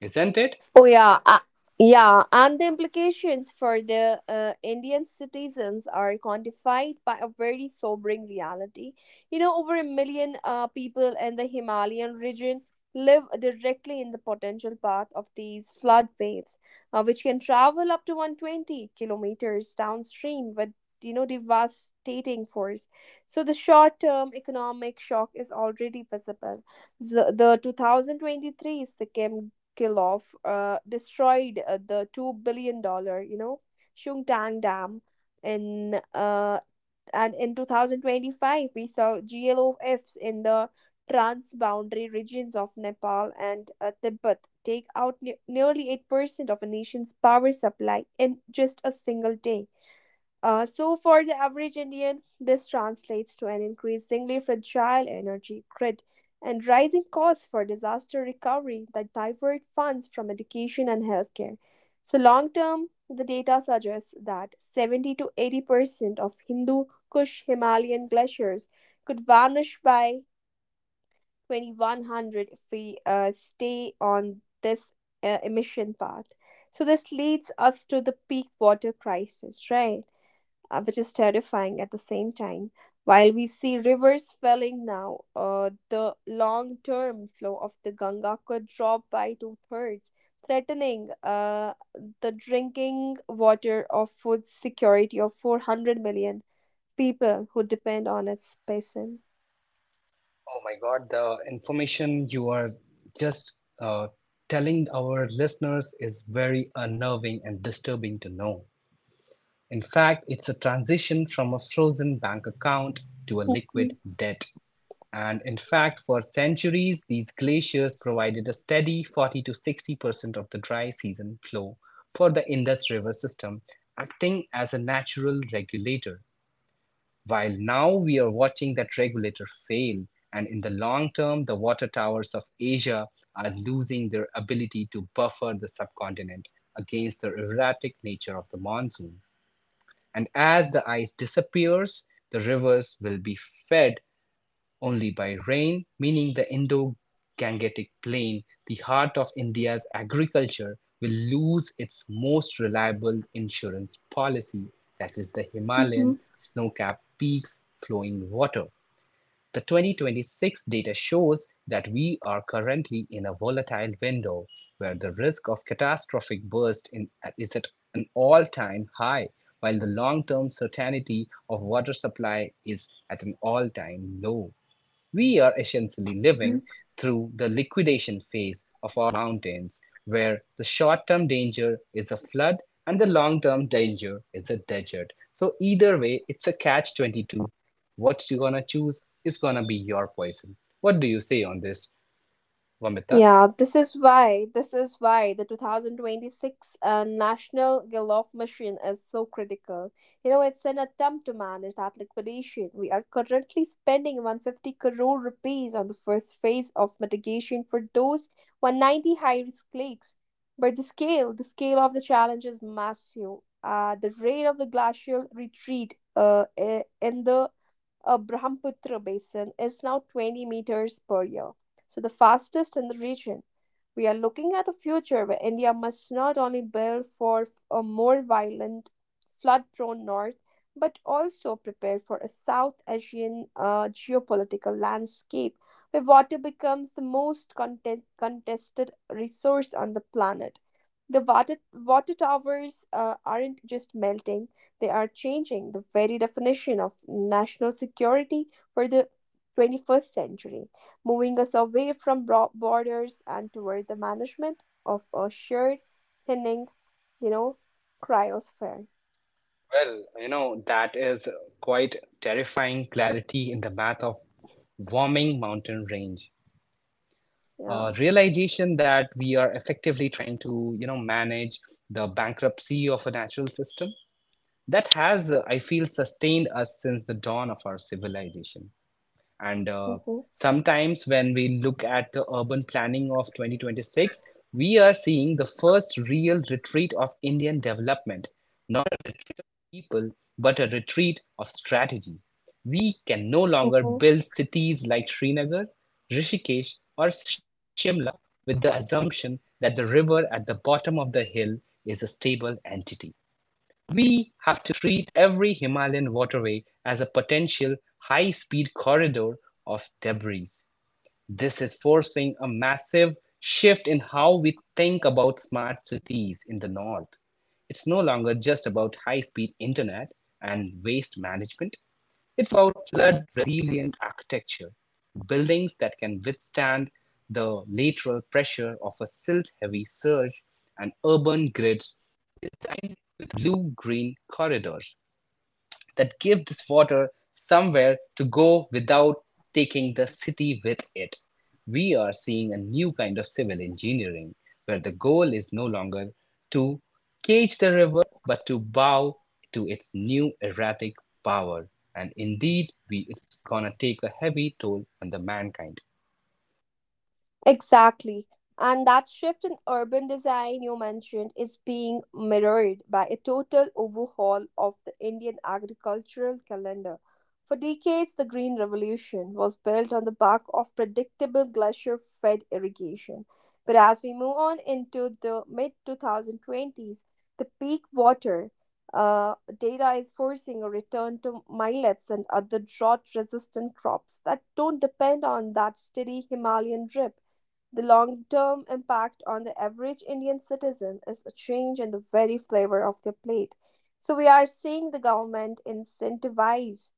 isn't it? Oh yeah, yeah, and the implications for the Indian citizens are quantified by a very sobering reality. You know, over a million people in the Himalayan region live directly in the potential path of these flood waves, which can travel up to 120 kilometers downstream with, you know, devastating force. So the short-term economic shock is already visible. The 2023 Sikkim kill-off destroyed the $2 billion, you know, Shungtang Dam. In uh, in 2025, we saw GLOFs in the trans-boundary regions of Nepal and Tibet, take out nearly 8% of a nation's power supply in just a single day. So, for the average Indian, this translates to an increasingly fragile energy grid and rising costs for disaster recovery that divert funds from education and healthcare. So, long term, the data suggests that 70 to 80% of Hindu Kush Himalayan glaciers could vanish by 2100 if we stay on this emission path. So, this leads us to the peak water crisis, right? Which is terrifying at the same time. While we see rivers falling now, the long term flow of the Ganga could drop by two thirds, threatening the drinking water of food security of 400 million people who depend on its basin. Oh my God, the information you are just telling our listeners is very unnerving and disturbing to know. In fact, it's a transition from a frozen bank account to a liquid debt. And in fact, for centuries, these glaciers provided a steady 40 to 60% of the dry season flow for the Indus River system, acting as a natural regulator. While now we are watching that regulator fail, and in the long term, the water towers of Asia are losing their ability to buffer the subcontinent against the erratic nature of the monsoon. And as the ice disappears, the rivers will be fed only by rain, meaning the Indo-Gangetic Plain, the heart of India's agriculture, will lose its most reliable insurance policy, that is the Mhm. Himalayan snow-capped peaks flowing water. The 2026 data shows that we are currently in a volatile window where the risk of catastrophic burst in, is at an all-time high, while the long-term certainty of water supply is at an all-time low. We are essentially living through the liquidation phase of our mountains, where the short term danger is a flood and the long term danger is a desert. So, either way, it's a catch 22. What's you gonna choose is gonna be your poison. What do you say on this, Vamita? Yeah, this is why the 2026 National Galof Machine is so critical. You know, it's an attempt to manage that liquidation. We are currently spending 150 crore rupees on the first phase of mitigation for those 190 high-risk lakes. But the scale of the challenge is massive. The rate of the glacial retreat in the Brahmaputra basin is now 20 meters per year, so the fastest in the region. We are looking at a future where India must not only build for a more violent, flood prone north, but also prepare for a South Asian geopolitical landscape where water becomes the most contested resource on the planet. The water towers aren't just melting, they are changing the very definition of national security for the 21st century, moving us away from broad borders and toward the management of a shared, thinning, you know, cryosphere. Well, you know, that is quite terrifying clarity in the math of warming mountain range. Yeah. Realization that we are effectively trying to, you know, manage the bankruptcy of a natural system that has, I feel, sustained us since the dawn of our civilization, and Mm-hmm. sometimes when we look at the urban planning of 2026, we are seeing the first real retreat of Indian development, not people but a retreat of strategy. We can no longer Mm-hmm. build cities like Srinagar, Rishikesh, or Shimla with the assumption that the river at the bottom of the hill is a stable entity. We have to treat every Himalayan waterway as a potential high speed corridor of debris. This is forcing a massive shift in how we think about smart cities in the north. It's no longer just about high speed internet and waste management, it's about flood resilient architecture, buildings that can withstand the lateral pressure of a silt heavy surge, and urban grids designed with blue green corridors that give this water somewhere to go without taking the city with it. We are seeing a new kind of civil engineering where the goal is no longer to cage the river but to bow to its new erratic power. And indeed, we, it's gonna take a heavy toll on the mankind. Exactly. And that shift in urban design you mentioned is being mirrored by a total overhaul of the Indian agricultural calendar. For decades, the Green Revolution was built on the back of predictable glacier fed irrigation. But as we move on into the mid 2020s, the peak water data is forcing a return to millets and other drought resistant crops that don't depend on that steady Himalayan drip. The long term impact on the average Indian citizen is a change in the very flavor of their plate. So, we are seeing the government incentivize,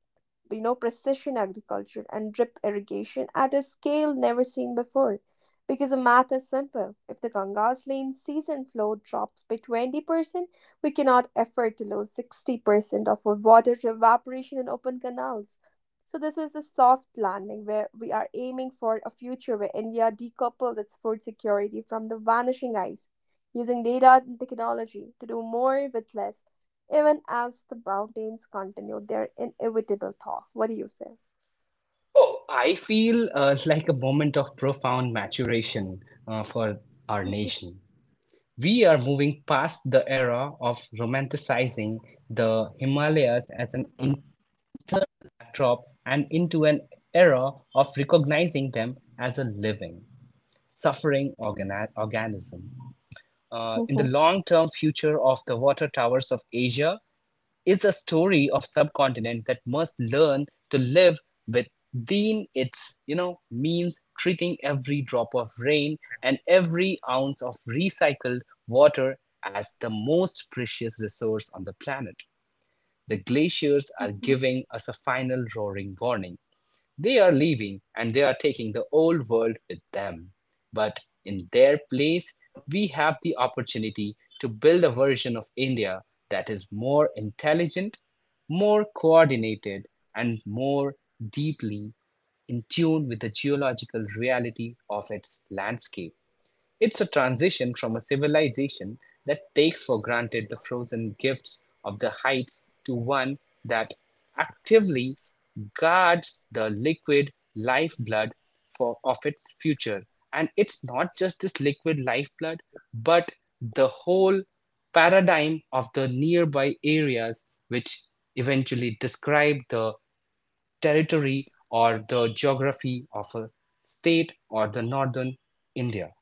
you know, precision agriculture and drip irrigation at a scale never seen before, because the math is simple. If the ganga's lane season flow drops by 20%, we cannot afford to lose 60% of our water to evaporation in open canals. So this is a soft landing, where we are aiming for a future where india decouples its food security from the vanishing ice, using data and technology to do more with less, even as the mountains continue their inevitable thaw. What do you say? Oh, I feel like a moment of profound maturation for our nation. We are moving past the era of romanticizing the Himalayas as an internal backdrop and into an era of recognizing them as a living, suffering organism. In the long term future of the water towers of Asia, is a story of subcontinent that must learn to live within its, you know, means, treating every drop of rain and every ounce of recycled water as the most precious resource on the planet. The glaciers are giving us a final roaring warning. They are leaving and they are taking the old world with them. But in their place, we have the opportunity to build a version of India that is more intelligent, more coordinated, and more deeply in tune with the geological reality of its landscape. It's a transition from a civilization that takes for granted the frozen gifts of the heights to one that actively guards the liquid lifeblood for, of its future. And it's not just this liquid lifeblood, but the whole paradigm of the nearby areas, which eventually describe the territory or the geography of a state or the northern India.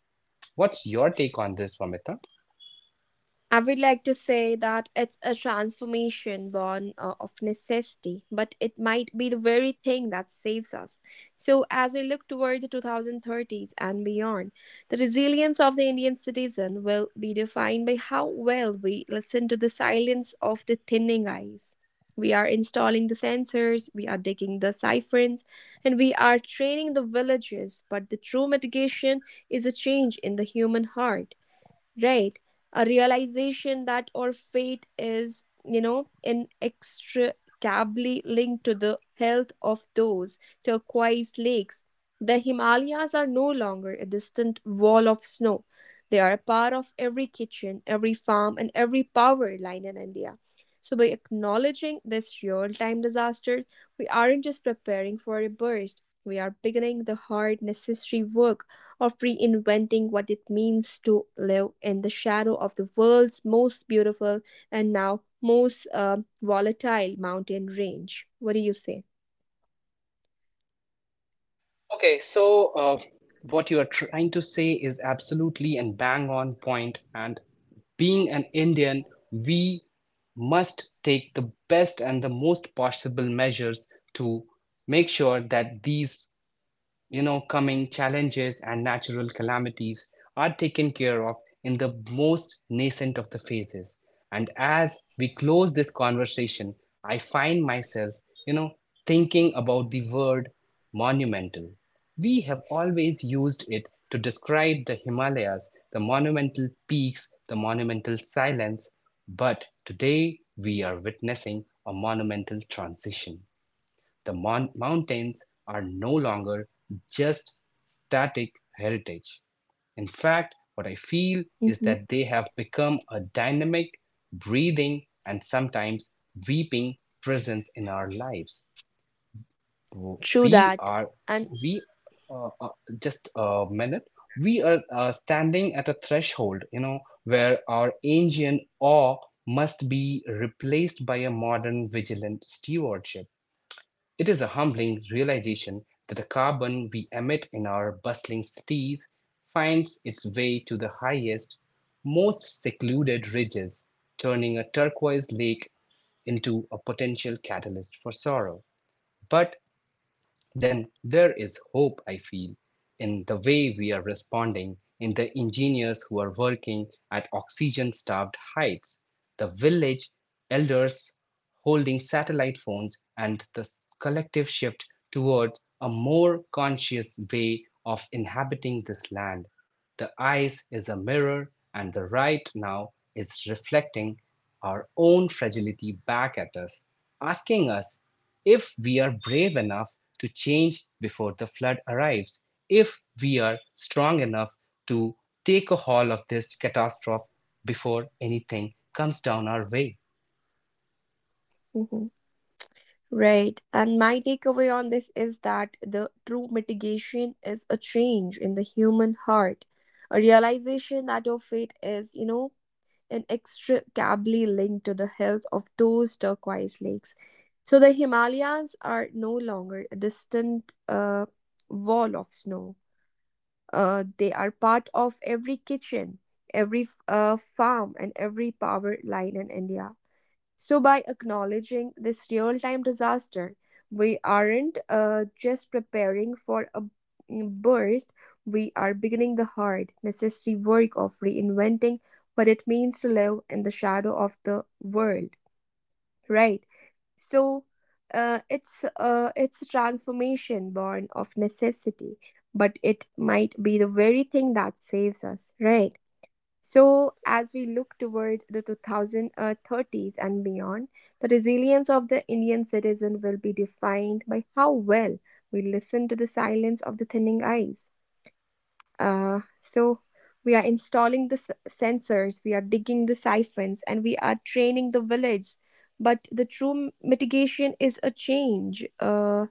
What's your take on this, Vamita? I would like to say that it's a transformation born of necessity, but it might be the very thing that saves us. So, as we look toward the 2030s and beyond, the resilience of the Indian citizen will be defined by how well we listen to the silence of the thinning ice. We are installing the sensors, we are digging the siphons, and we are training the villagers. But the true mitigation is a change in the human heart, right, a realization that our fate is, you know, inextricably linked to the health of those turquoise lakes. The himalayas are no longer a distant wall of snow, they are a part of every kitchen, every farm, and every power line in india. So by acknowledging this real-time disaster, we aren't just preparing for a burst, we are beginning the hard necessary work of reinventing what it means to live in the shadow of the world's most beautiful and now most volatile mountain range. What do you say? Okay, so, what you are trying to say is absolutely and bang on point. And being an Indian, we must take the best and the most possible measures to make sure that these, you know, coming challenges and natural calamities are taken care of in the most nascent of the phases. And as we close this conversation, I find myself, you know, thinking about the word monumental. We have always used it to describe the Himalayas, the monumental peaks, the monumental silence. But today we are witnessing a monumental transition. The mountains are no longer just static heritage. In fact, what I feel is Mhm. that they have become a dynamic, breathing, and sometimes weeping presence in our lives. True We that. are, And we, uh, uh, just a minute, we are standing at a threshold, you know, where our ancient awe must be replaced by a modern vigilant stewardship. It is a humbling realization that the carbon we emit in our bustling cities finds its way to the highest, most secluded ridges, turning a turquoise lake into a potential catalyst for sorrow. But then there is hope, I feel, in the way we are responding, in the engineers who are working at oxygen starved heights, the village elders holding satellite phones, and the collective shift toward a more conscious way of inhabiting this land. The ice is a mirror, and the right now is reflecting our own fragility back at us, asking us if we are brave enough to change before the flood arrives, if we are strong enough to take a hold of this catastrophe before anything comes down our way. Mhm. Right. And my takeaway on this is that the true mitigation is a change in the human heart, a realization that your fate is, you know, inextricably linked to the health of those turquoise lakes. So the Himalayas are no longer a distant wall of snow. They are part of every kitchen, every farm, and every power line in India. So, by acknowledging this real time disaster, we aren't just preparing for a burst, we are beginning the hard, necessary work of reinventing what it means to live in the shadow of the world, right? So, it's a transformation born of necessity, but it might be the very thing that saves us, right? So, as we look toward the 2030s and beyond, the resilience of the Indian citizen will be defined by how well we listen to the silence of the thinning ice. So, we are installing the sensors, we are digging the siphons, and we are training the village. But the true mitigation is a change.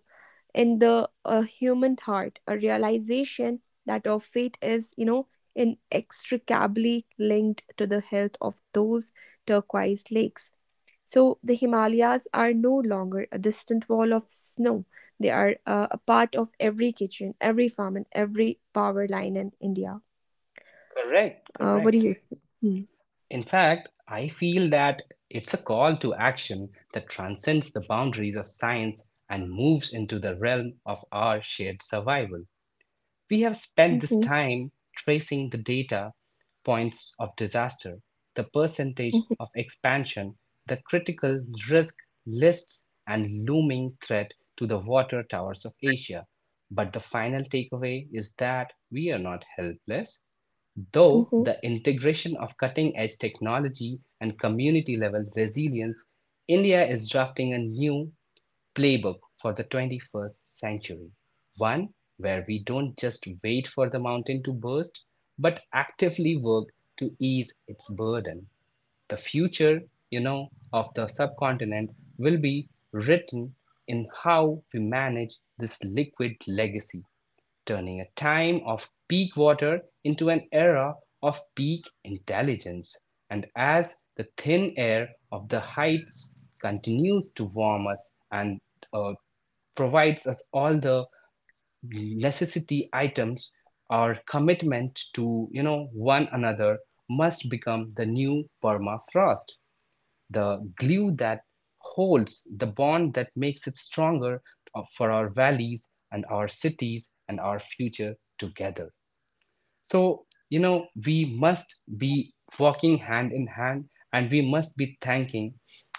In the human heart, a realization that our fate is, you know, inextricably linked to the health of those turquoise lakes. So the himalayas are no longer a distant wall of snow, they are a part of every kitchen, every farm, and every power line in india. Correct, Uh, what do correct. you think? Hmm. In fact, I feel that it's a call to action that transcends the boundaries of science and moves into the realm of our shared survival. We have spent this Mhm, time tracing the data points of disaster, the percentage mhm, of expansion, the critical risk lists, and looming threat to the water towers of Asia. But the final takeaway is that we are not helpless. Though mhm. the integration of cutting edge technology and community level resilience, India is drafting a new playbook for the 21st century. One where we don't just wait for the mountain to burst, but actively work to ease its burden. The future, you know, of the subcontinent will be written in how we manage this liquid legacy, turning a time of peak water into an era of peak intelligence. And as the thin air of the heights continues to warm us and uh, provides us all the necessity items, our commitment to, you know, one another must become the new permafrost, the glue that holds, the bond that makes it stronger for our valleys and our cities and our future together. So, you know, we must be walking hand in hand and we must be thanking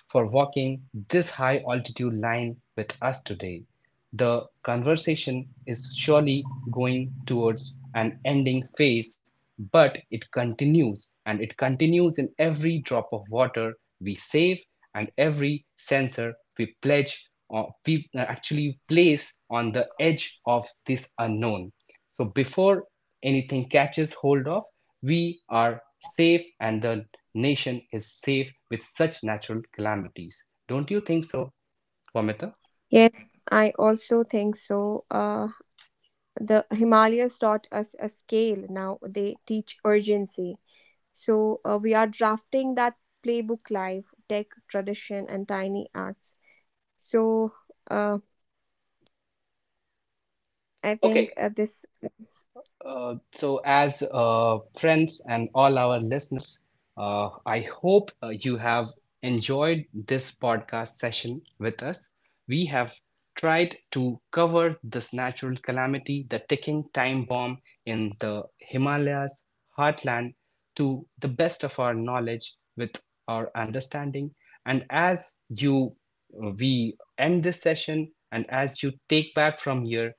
for walking this high altitude line with us today. The conversation is surely going towards an ending phase, but it continues and it continues in every drop of water we save and every sensor we pledge or we actually place on the edge of this unknown. So before anything catches hold of, we are safe and the nation is safe with such natural calamities. Don't you think so, Vamita? Yes, I also think so. uh, the himalayas taught us a scale, now they teach urgency. So we are drafting that playbook live, tech, tradition, and tiny acts. So uh, I think Okay, this. so, as friends and all our listeners, I hope you have enjoyed this podcast session with us. We have tried to cover this natural calamity, the ticking time bomb in the Himalayas heartland, to the best of our knowledge with our understanding. And as you we end this session, and as you take back from here,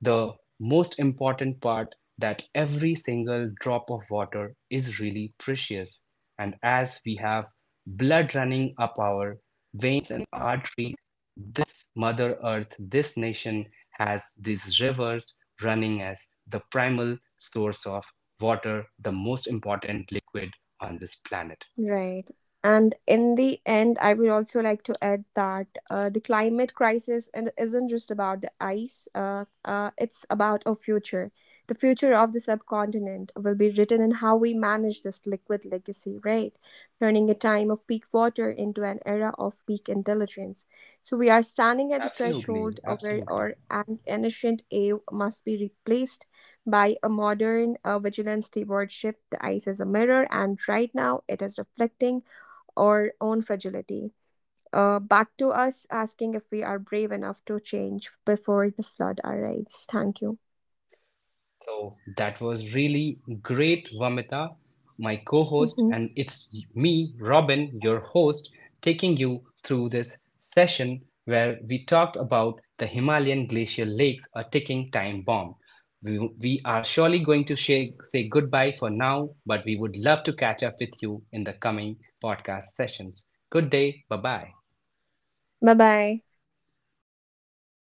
the most important part that every single drop of water is really precious. And as we have blood running up our veins and arteries, this Mother Earth, this nation has these rivers running as the primal source of water, the most important liquid on this planet. Right. And in the end, I would also like to add that the climate crisis and isn't just about the ice, it's about our future. The future of the subcontinent will be written in how we manage this liquid legacy, right? Turning a time of peak water into an era of peak intelligence. So we are standing at the Absolutely, threshold of where absolutely. our ancient awe must be replaced by a modern vigilant stewardship. The ice is a mirror, and right now it is reflecting our own fragility. Back to us, asking if we are brave enough to change before the flood arrives. Thank you. So that was really great, Vamita, my co host, Hmm. and it's me, Robin, your host, taking you through this session where we talked about the Himalayan glacial lakes, a ticking time bomb. We are surely going to say goodbye for now, but we would love to catch up with you in the coming podcast sessions. Good day. Bye bye. Bye bye.